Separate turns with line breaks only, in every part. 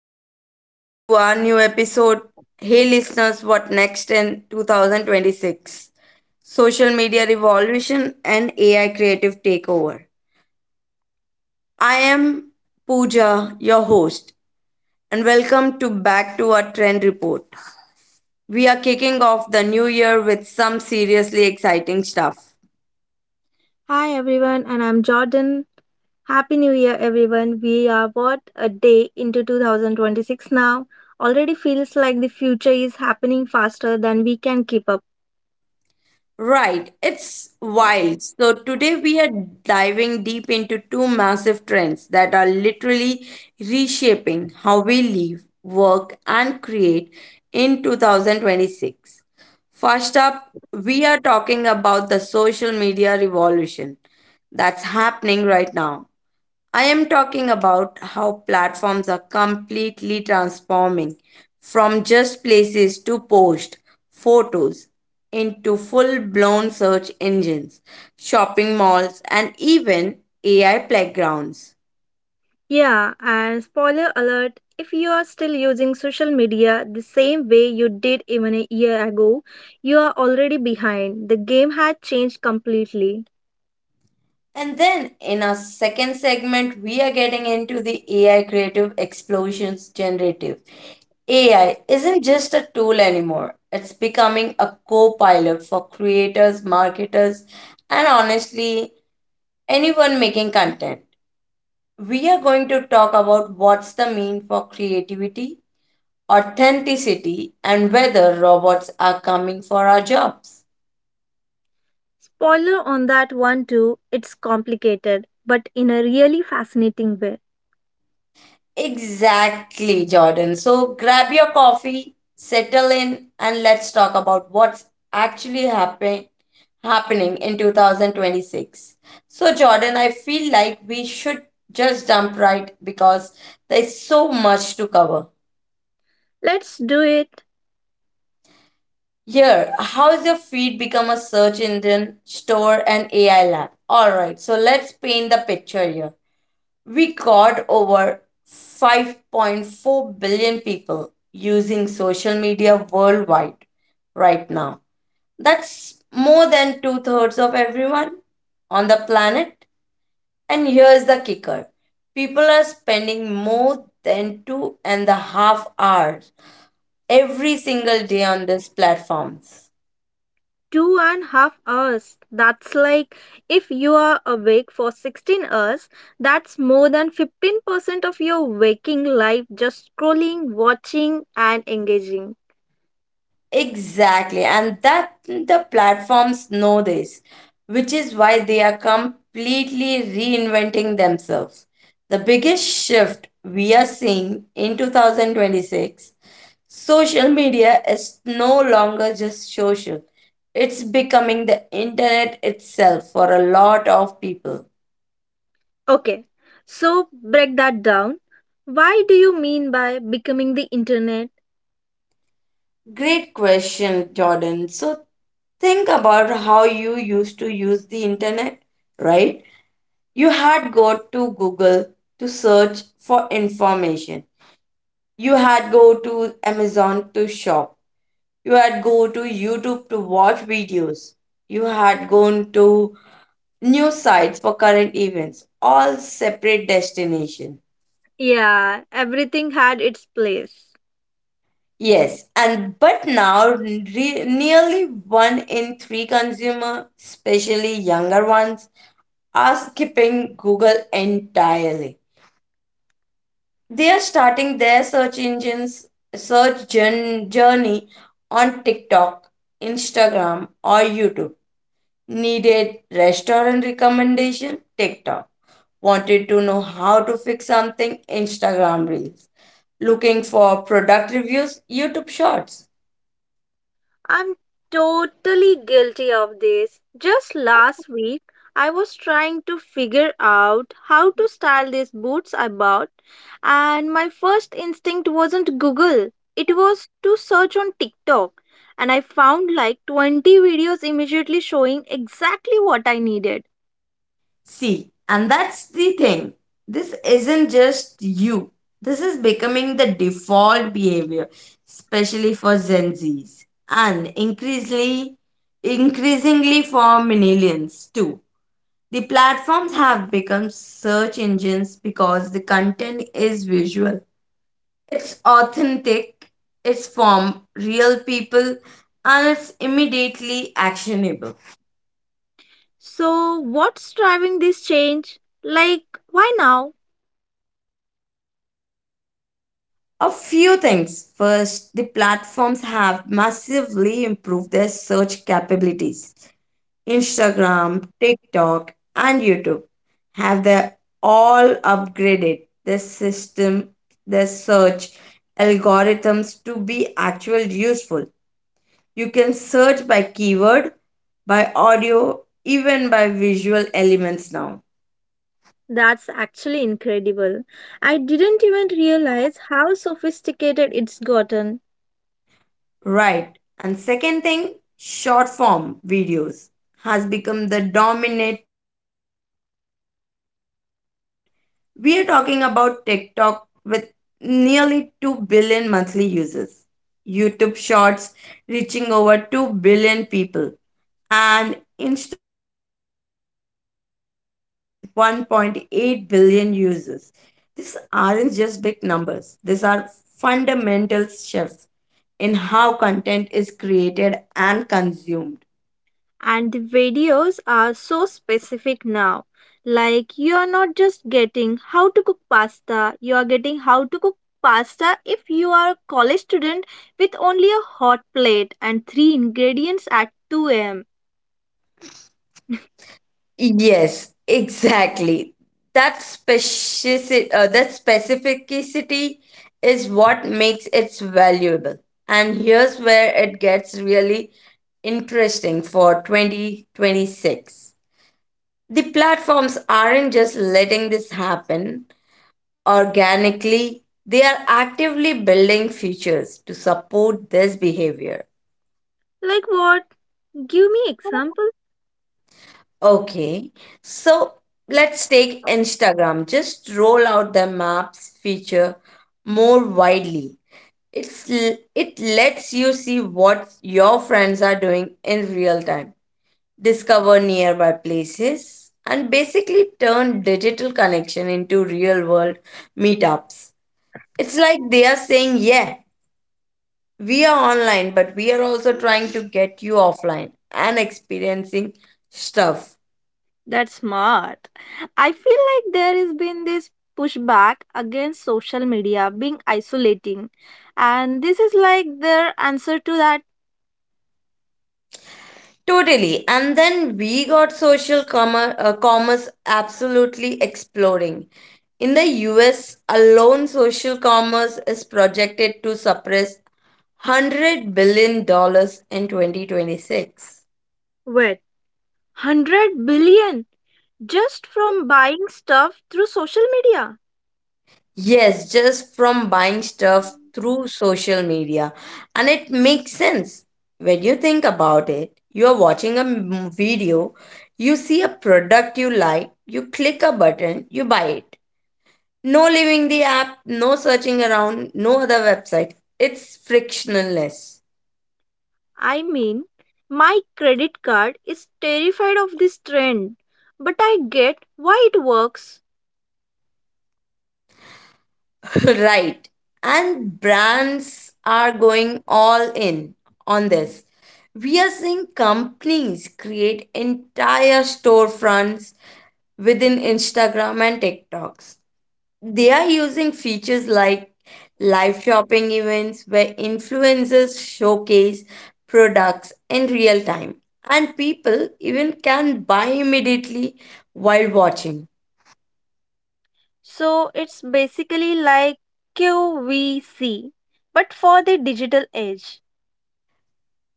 welcome to our new episode. Hey, listeners, what next in 2026? Social media revolution and AI creative takeover. I am Pooja, your host, and welcome to back to our trend report. We are kicking off the new year with some seriously exciting stuff.
Hi everyone, and I'm Jordan. Happy New Year, everyone. We are what a day into 2026 now. Already feels like the future is happening faster than we can keep up.
Right, it's wild. So, today we are diving deep into two massive trends that are literally reshaping how we live, work, and create in 2026. First up, we are talking about the social media revolution that's happening right now. I am talking about how platforms are completely transforming from just places to post photos into full blown search engines, shopping malls, and even AI playgrounds.
Yeah, and spoiler alert, if you are still using social media the same way you did even a year ago, you are already behind. The game had changed completely.
And then in our second segment, we are getting into the AI creative explosions generative. AI isn't just a tool anymore, it's becoming a co pilot for creators, marketers, and honestly, anyone making content. We are going to talk about what's the mean for creativity, authenticity, and whether robots are coming for our jobs.
Spoiler on that one too, it's complicated, but in a really fascinating way.
Exactly, Jordan. So grab your coffee, settle in, and let's talk about what's actually happening in 2026. So, Jordan, I feel like we should just jump right because there's so much to cover.
Let's do it.
Here, how's your feed become a search engine, store, and AI lab? Alright, so let's paint the picture here. We got over 5.4 billion people using social media worldwide right now. That's more than two-thirds of everyone on the planet. And here's the kicker, people are spending more than 2.5 hours every single day on these platforms.
2.5 hours. That's like, if you are awake for 16 hours, that's more than 15% of your waking life just scrolling, watching, and engaging.
Exactly, and that the platforms know this, which is why they are completely reinventing themselves. The biggest shift we are seeing in 2026, social media is no longer just social, it's becoming the internet itself for a lot of people.
Okay, so break that down. Why do you mean by becoming the internet?
Great question, Jordan. So think about how you used to use the internet, right? You had got to Google to search for information. You had go to Amazon to shop. You had go to YouTube to watch videos. You had gone to news sites for current events. All separate destination.
Yeah, everything had its place.
Yes, and but now nearly one in three consumer, especially younger ones, are skipping Google entirely. They are starting their search engines journey on TikTok, Instagram, or YouTube. Needed restaurant recommendation TikTok. Wanted to know how to fix something Instagram Reels. Looking for product reviews YouTube Shorts.
I'm totally guilty of this. Just last week, I was trying to figure out how
Hm.
to style these boots I bought, and my first instinct wasn't Google. It was to search on TikTok, and I found like 20 videos immediately showing exactly what I needed.
See, and that's the thing. This isn't just you. This is becoming the default behavior, especially for Gen Zs and increasingly for millennials too. The platforms have become search engines because the content is visual. It's authentic, it's from real people, and it's immediately actionable.
So, what's driving this change? Like, why now?
A few things. First, the platforms have massively improved their search capabilities. Instagram, TikTok, and YouTube have they all upgraded the system, the search algorithms to be actual useful. You can search by keyword, by audio, even by visual elements now.
That's actually incredible. I didn't even realize how sophisticated it's gotten.
Right. And second thing, short form videos has become the dominant format. We are talking about TikTok with nearly 2 billion monthly users, YouTube Shorts reaching over 2 billion people, and Instagram Reels with 1.8 billion users. These aren't just big numbers, these are fundamental shifts in how content is created and consumed.
And the videos are so specific now. Like, you are not just getting how to cook pasta, you are getting how to cook pasta if you are a college student with only a hot plate and three ingredients at 2 am.
Yes, exactly. That that specificity is what makes it valuable. And here's where it gets really interesting for 2026. The platforms aren't just letting this happen organically, they are actively building features to support this behavior.
Like, what? Give me example.
Okay, so let's take Instagram. Just roll out the maps feature more widely. It lets you see what your friends are doing in real time, discover nearby places, and basically turn digital connection into real world meetups. It's like they are saying, "Yeah, we are online, but we are also trying to get you offline and experiencing stuff."
That's smart. I feel like there has been this pushback against social media being isolating. And this is like their answer to that.
Totally. And then we got social commerce absolutely exploding. In the US alone, social commerce is projected to surpass $100 billion dollars in 2026.
Wait, 100 billion? Just from buying stuff through social media.
Yes, just from buying stuff through social media. And it makes sense. When you think about it, you are watching a video, you see a product you like, you click a button, you buy it. No leaving the app, no searching around, no other website. It's frictionless.
I mean, my credit card is terrified of this trend, but I get why it works.
Right. And brands are going all in on this. We are seeing companies create entire storefronts within Instagram and TikToks. They are using features like live shopping events where influencers showcase products in real time, and people even can buy immediately while watching.
So it's basically like QVC, but for the digital age.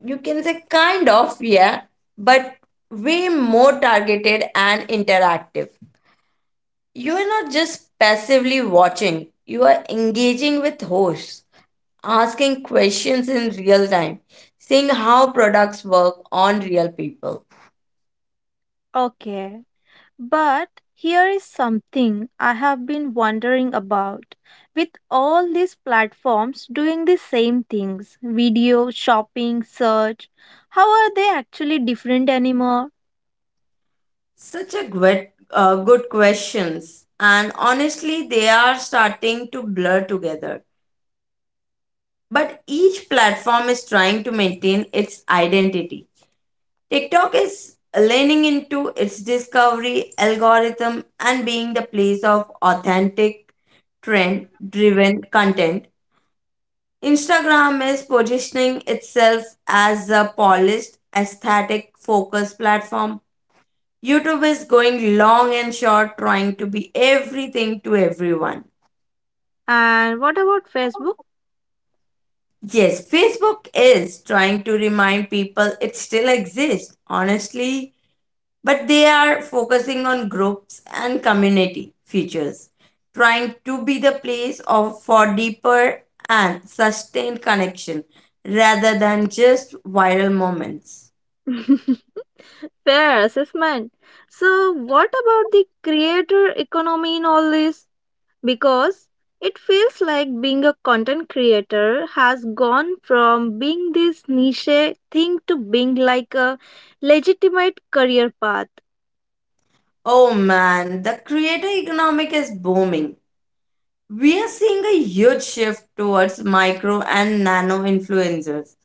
You can say kind of, yeah, but way more targeted and interactive. You are not just passively watching, you are engaging with hosts, asking questions in real time, seeing how products work on real people.
Okay. But here is something I have been wondering about. With all these platforms doing the same things, video, shopping, search, how are they actually different anymore?
Such a good questions. And honestly, they are starting to blur together. But each platform is trying to maintain its identity. TikTok is leaning into its discovery algorithm and being the place of authentic, trend driven content. Instagram is positioning itself as a polished, aesthetic focused platform. YouTube is going long and short, trying to be everything to everyone.
And what about Facebook?
Yes, Facebook is trying to remind people it still exists, honestly, but they are focusing on groups and community features, trying to be the place of for deeper and sustained connection rather than just viral moments.
Fair assessment. So, what about the creator economy in all this? Because it feels like being a content creator has gone from being this niche thing to being like a legitimate career path.
Oh man, the creator economic is booming. We are seeing a huge shift towards micro and nano influencers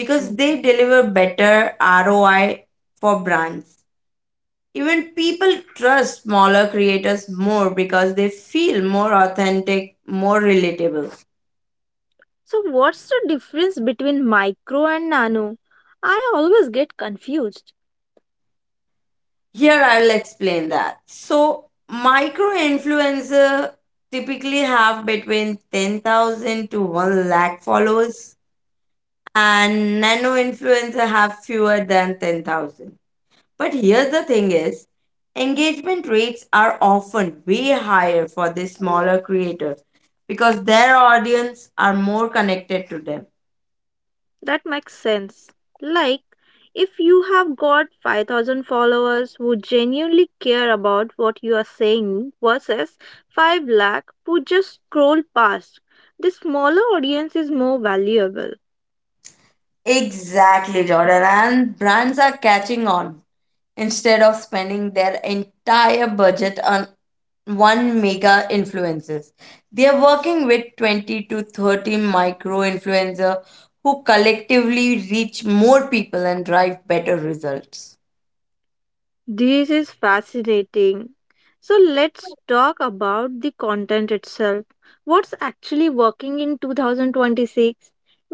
because they deliver better ROI for brands. Even people trust smaller creators more because they feel more authentic, more relatable.
So, what's the difference between micro and nano? I always get confused.
Here I will explain that. So, micro influencer typically have between 10,000 to 1 lakh followers, and nano influencer have fewer than 10,000. But here's the thing is engagement rates are often way higher for these smaller creators because their audience are more connected to them.
That makes sense. Like, if you have got 5,000 followers who genuinely care about what you are saying versus 5 lakh who just scroll past, the smaller audience is more valuable.
Exactly, Jordan. And brands are catching on instead of spending their entire budget on one mega influencers. They are working with 20 to 30 micro influencer who collectively reach more people and drive better results.
This is fascinating. So, let's talk about the content itself. What's actually working in 2026?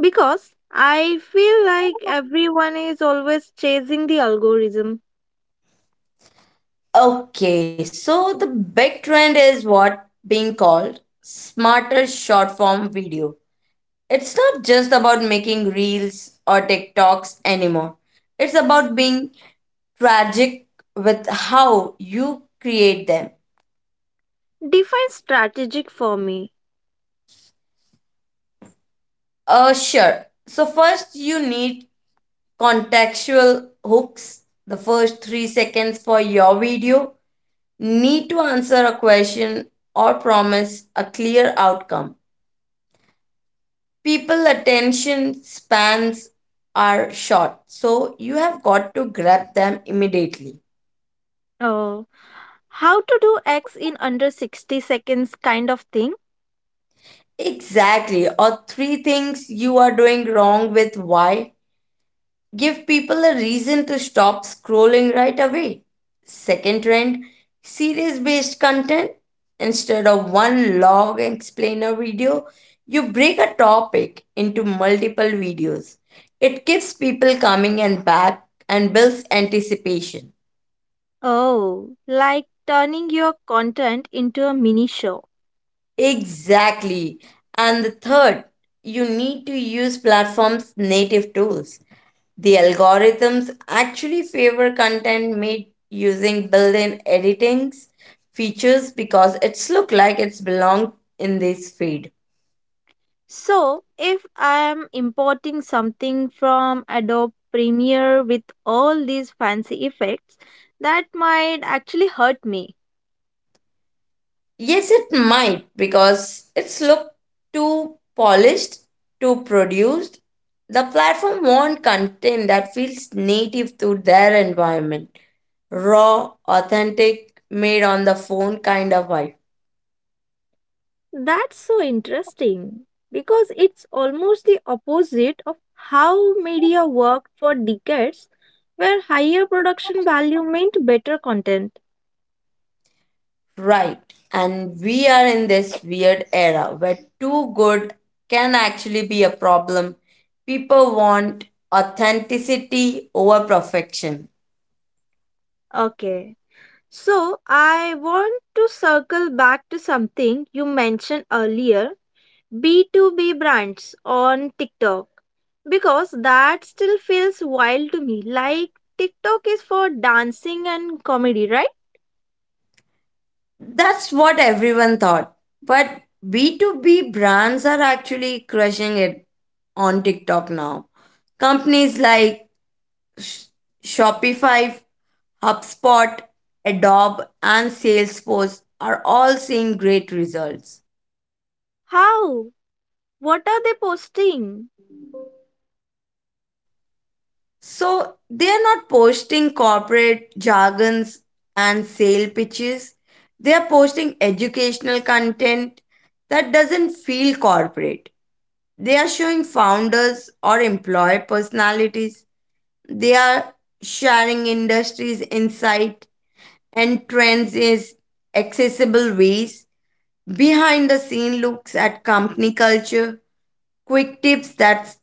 Because I feel like everyone is always chasing the algorithm.
Okay, so the big trend is what being called smarter short form video. It's not just about making reels or TikToks anymore. It's about being tragic with how you create them.
Define strategic for me.
Sure. So first you need contextual hooks. The first 3 seconds for your video need to answer a question or promise a clear outcome. People attention spans are short, so you have got to grab them immediately.
Oh, how to do X in under 60 seconds kind of thing?
Exactly, or three things you are doing wrong with why. Give people a reason to stop scrolling right away. Second trend, series based content. Instead of one long explainer video, you break a topic into multiple videos. It keeps people coming and back, and builds anticipation.
Oh, like turning your content into a mini show.
Exactly. And the third, you need to use platforms' native tools. The algorithms actually favor content made using built-in editings features because it's look like it's belong in this feed.
So, if I am importing something from Adobe Premiere with all these fancy effects, that might actually hurt me.
Yes, it might because it's looked too polished, too produced. The platform will content that feels native to their environment. Raw, authentic, made on the phone kind of vibe.
That's so interesting because it's almost the opposite of how media worked for decades, where higher production value meant better content.
Right. And we are in this weird era where too good can actually be a problem. People want authenticity over perfection.
Okay, so I want to circle back to something you mentioned earlier, B2B brands on TikTok, because that still feels wild to me. Like, TikTok is for dancing and comedy, right?
That's what everyone thought. But B2B brands are actually crushing it on TikTok now. Companies like Sh- Shopify, HubSpot, Adobe, and Salesforce are all seeing great results.
How? What are they posting?
So they are not posting corporate jargons and sale pitches. They are posting educational content that doesn't feel corporate. They are showing founders or employee personalities. They are sharing industries insight and trends is accessible ways. Behind the scene looks at company culture, quick tips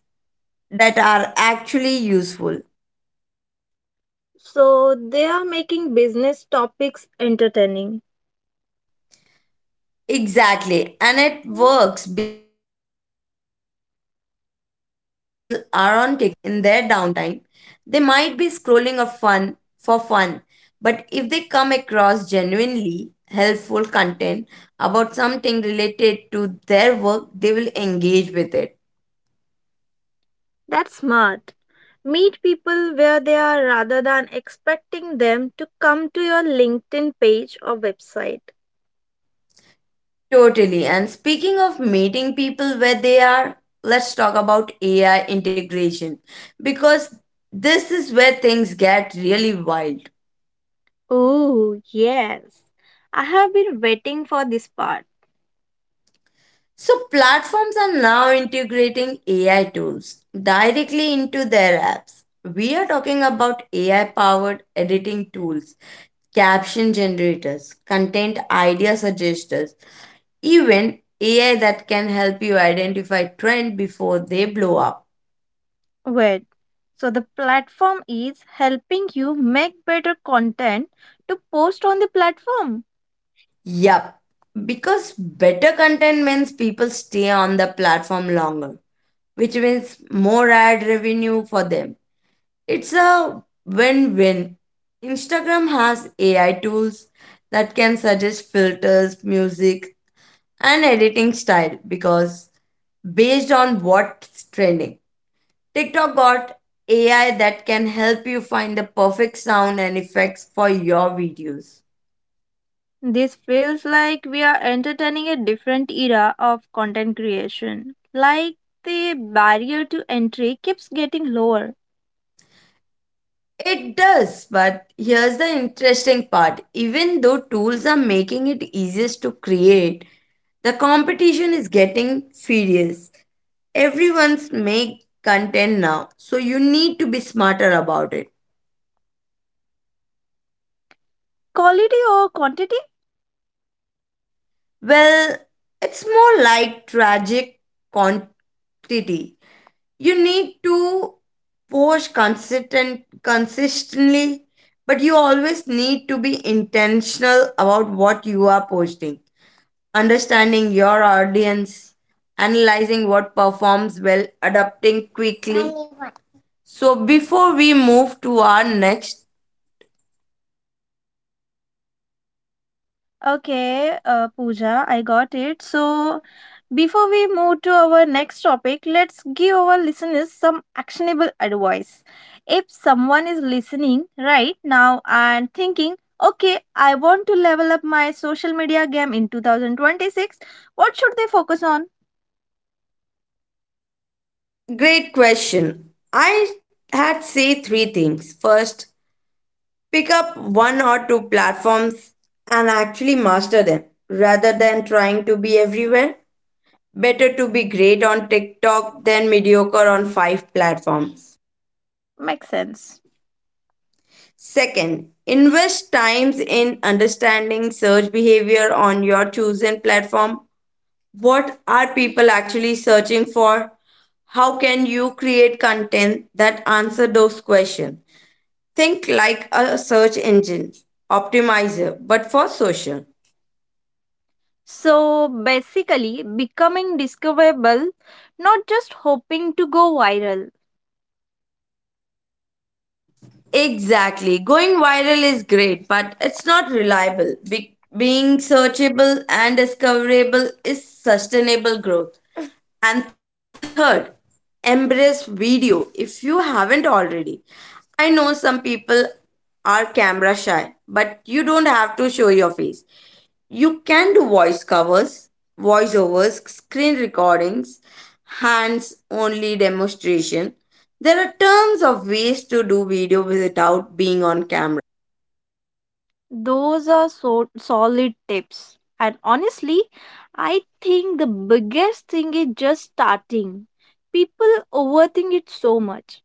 that are actually useful.
So they are making business topics entertaining.
Exactly. And it works because even business people are on TikTok in their downtime. They might be scrolling or fun for fun, but if they come across genuinely helpful content about something related to their work, they will engage with it.
That's smart. Meet people where they are rather than expecting them to come to your LinkedIn page or website.
Totally. And speaking of meeting people where they are, let's talk about AI integration because this is where things get really wild.
Oh, yes. I have been waiting for this part.
So, platforms are now integrating AI tools directly into their apps. We are talking about AI powered editing tools, caption generators, content idea suggesters, even AI that can help you identify trend before they blow up.
Wait. So the platform is helping you make better content to post on the platform.
Yup. Because better content means people stay on the platform longer, which means more ad revenue for them. It's a win win. Instagram has AI tools that can suggest filters, music, and editing style because based on what's trending. TikTok got AI that can help you find the perfect sound and effects for your videos.
This feels like we are entertaining a different era of content creation. Like, the barrier to entry keeps getting lower.
It does, but here's the interesting part. Even though tools are making it easiest to create, the competition is getting furious. Everyone's make content now, so you need to be smarter about it.
Quality or quantity?
Well, it's more like tragic quantity. You need to post consistently, but you always need to be intentional about what you are posting. Understanding your audience, analyzing what performs well, adapting quickly. So before we move to our next…
Okay, Pooja, I got it. So, before we move to our next topic, let's give our listeners some actionable advice. If someone is listening right now and thinking, okay, I want to level up my social media game in 2026, what should they focus on?
Great question. I had say three things. First, pick up one or two platforms and actually master them rather than trying to be everywhere. Better to be great on TikTok than mediocre on five platforms.
Makes sense.
Second, invest times in understanding search behavior on your chosen platform. What are people actually searching for? How can you create content that answer those questions? Think like a search engine optimizer, but for social.
So basically, becoming discoverable, not just hoping to go viral.
Exactly. Going viral is great, but it's not reliable. Being searchable and discoverable is sustainable growth. And third, embrace video if you haven't already. I know some people are camera shy, but you don't have to show your face. You can do voice covers, voiceovers, screen recordings, hands only demonstration. There are tons of ways to do video without being on camera.
Those are so solid tips. And honestly, I think the biggest thing is just starting. People overthink it so much.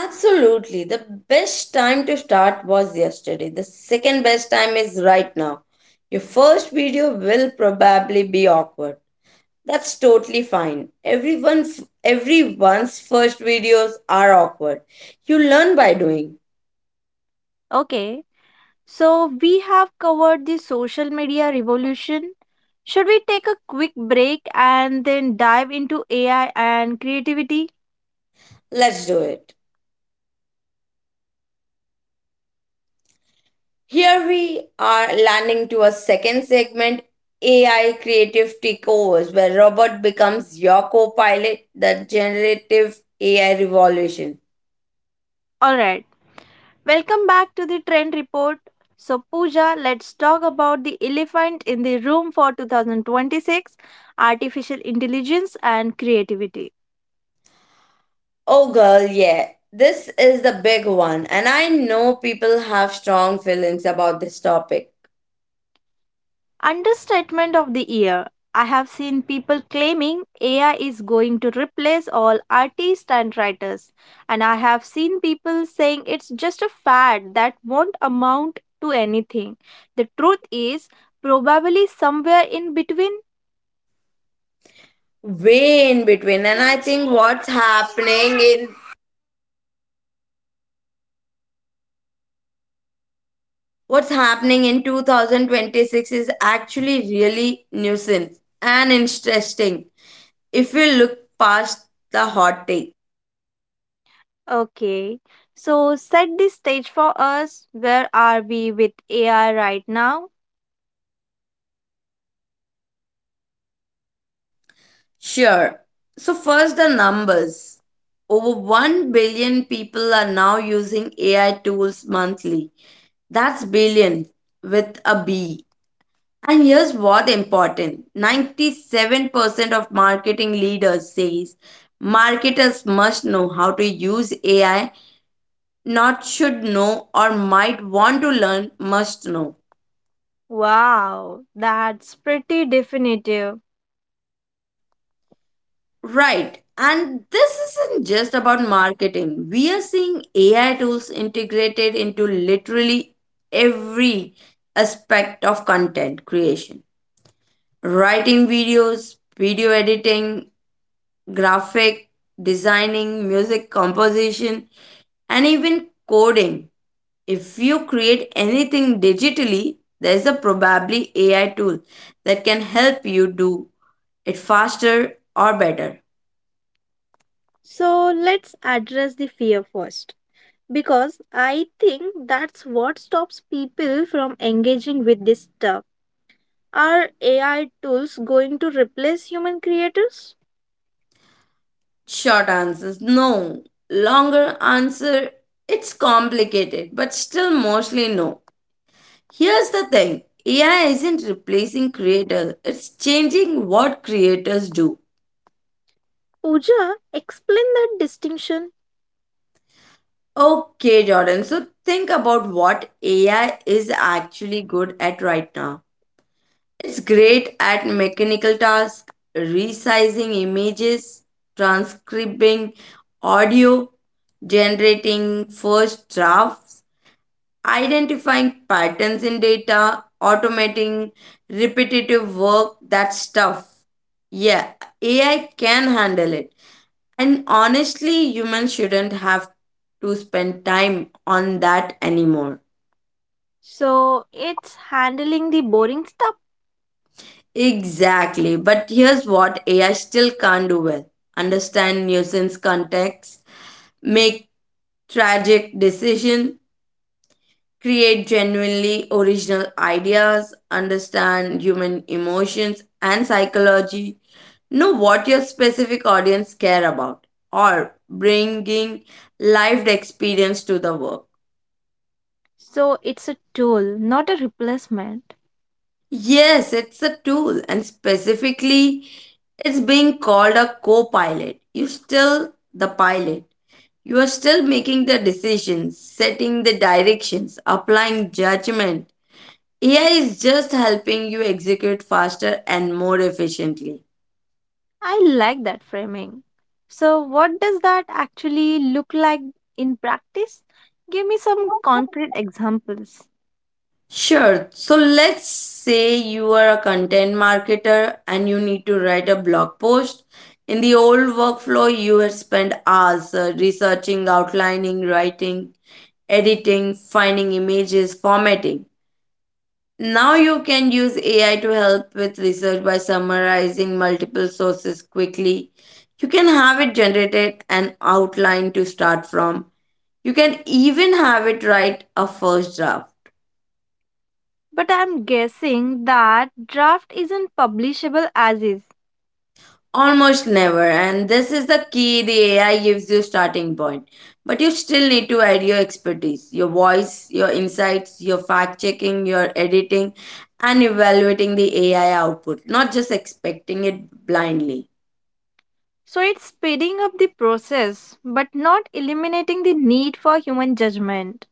Absolutely. The best time to start was yesterday. The second best time is right now. Your first video will probably be awkward. That's totally fine. Everyone's first videos are awkward. You learn by doing.
Okay, so we have covered the social media revolution. Should we take a quick break and then dive into AI and creativity?
Let's do it. Here we are landing to a second segment, AI creative takeovers, where Robert becomes your co pilot, the generative AI revolution.
Alright. Welcome back to the Trend Report. So, Pooja, let's talk about the elephant in the room for 2026, artificial intelligence and creativity.
Oh, girl, yeah, this is the big one, and I know people have strong feelings about this topic.
Understatement of the year. I have seen people claiming AI is going to replace all artists and writers, and I have seen people saying it's just a fad that won't amount to anything. The truth is probably somewhere in between.
Way in between. And I think what's happening in 2026 is actually really nuisance and interesting if we look past the hot take.
Okay, so set the stage for us. Where are we with AI right now?
Sure. So, first, the numbers. Over 1 billion people are now using AI tools monthly. That's billion with a B. And here's what important, 97% of marketing leaders says marketers must know how to use AI, not should know or might want to learn, must know.
Wow, that's pretty definitive.
Right. And this isn't just about marketing. We are seeing AI tools integrated into literally every aspect of content creation, writing videos, video editing, graphic designing, music composition, and even coding. If you create anything digitally, there's a probably AI tool that can help you do it faster or better.
So let's address the fear first because I think that's what stops people from engaging with this stuff. Are AI tools going to replace human creators?
Short answers no. Longer answer, it's complicated, but still mostly no. Here's the thing, AI isn't replacing creators, it's changing what creators do.
Pooja, explain that distinction.
Okay, Jordan, so think about what AI is actually good at right now. It's great at mechanical tasks, resizing images, transcribing audio, generating first drafts, identifying patterns in data, automating repetitive work, that stuff. Yeah, AI can handle it. And honestly, humans shouldn't have to spend time on that anymore.
So it's handling the boring stuff.
Exactly. But here's what AI still can't do well: understand nuisance context, make tragic decisions, create genuinely original ideas, understand human emotions and psychology, know what your specific audience care about, or bringing lived experience to the work.
So it's a tool, not a replacement.
Yes, it's a tool, and specifically, it's being called a co pilot. You're still the pilot. You are still making the decisions, setting the directions, applying judgment. AI is just helping you execute faster and more efficiently.
I like that framing. So, what does that actually look like in practice? Give me some concrete examples.
Sure, so let's say you are a content marketer and you need to write a blog post. In the old workflow, you had spent hours researching, outlining, writing, editing, finding images, formatting. Now you can use AI to help with research by summarizing multiple sources quickly. You can have it generated an outline to start from. You can even have it write a first draft.
But I'm guessing that draft isn't publishable as is.
Almost never, and this is the key, the AI gives you starting point. But you still need to add your expertise, your voice, your insights, your fact checking, your editing, and evaluating the AI output, not just expecting it blindly.
So, it's speeding up the process but not eliminating the need for human judgment.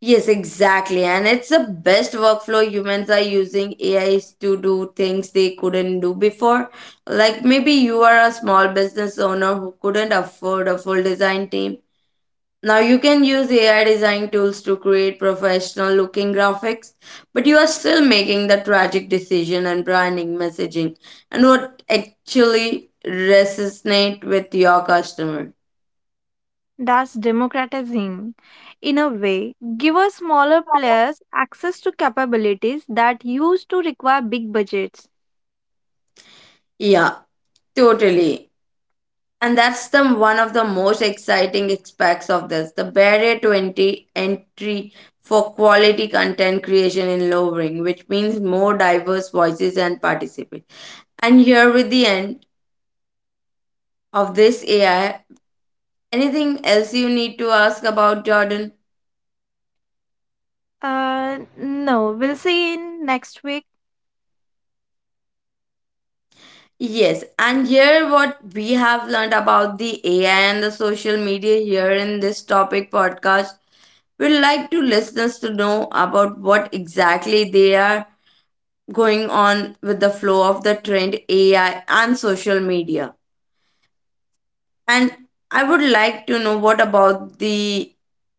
Yes, exactly. And it's the best workflow, humans are using AIs to do things they couldn't do before. Like maybe you are a small business owner who couldn't afford a full design team. Now you can use AI design tools to create professional looking graphics, but you are still making the tragic decision and branding messaging and what actually resonate with your customer.
That's democratizing. In a way, give us smaller players access to capabilities that used to require big budgets.
Yeah, totally. And that's the one of the most exciting aspects of this, the barrier to entry for quality content creation in lowering, which means more diverse voices and participate. And here with the end of this AI, anything else you need to ask about, Jordan?
No, we'll see in next week.
Yes, and here what we have learned about the AI and the social media here in this topic podcast. We'd like to listeners to know about what exactly they are going on with the flow of the trend AI and social media. And I would like to know what about the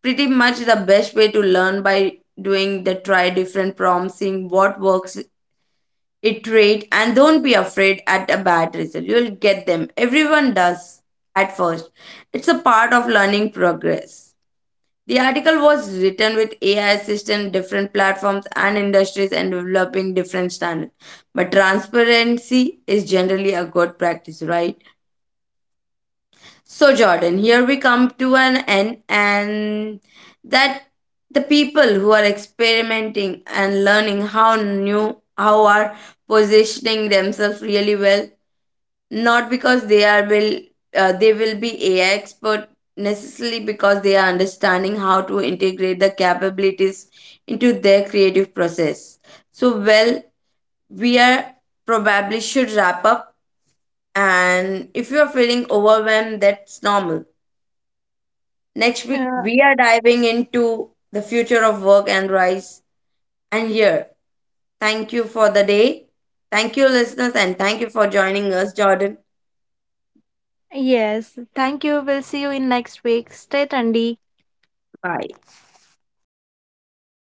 pretty much the best way to learn by doing, the try different prompts, seeing what works, iterate, and don't be afraid at a bad result. You'll get them. Everyone does at first. It's a part of learning progress. The article was written with AI assistant, different platforms and industries and developing different standards. But transparency is generally a good practice, right? So Jordan, here we come to an end. And that the people who are experimenting and learning how are positioning themselves really well, not because they will be AI expert necessarily, because they are understanding how to integrate the capabilities into their creative process. So well, we are probably should wrap up. And if you are feeling overwhelmed, that's normal. Next week
Uh,
we are diving into the future of work and rise. And here, thank you for the day. Thank you listeners, and thank you for joining us, Jordan.
yes, thank you. We'll see you in next week. Stay trendy.
Bye.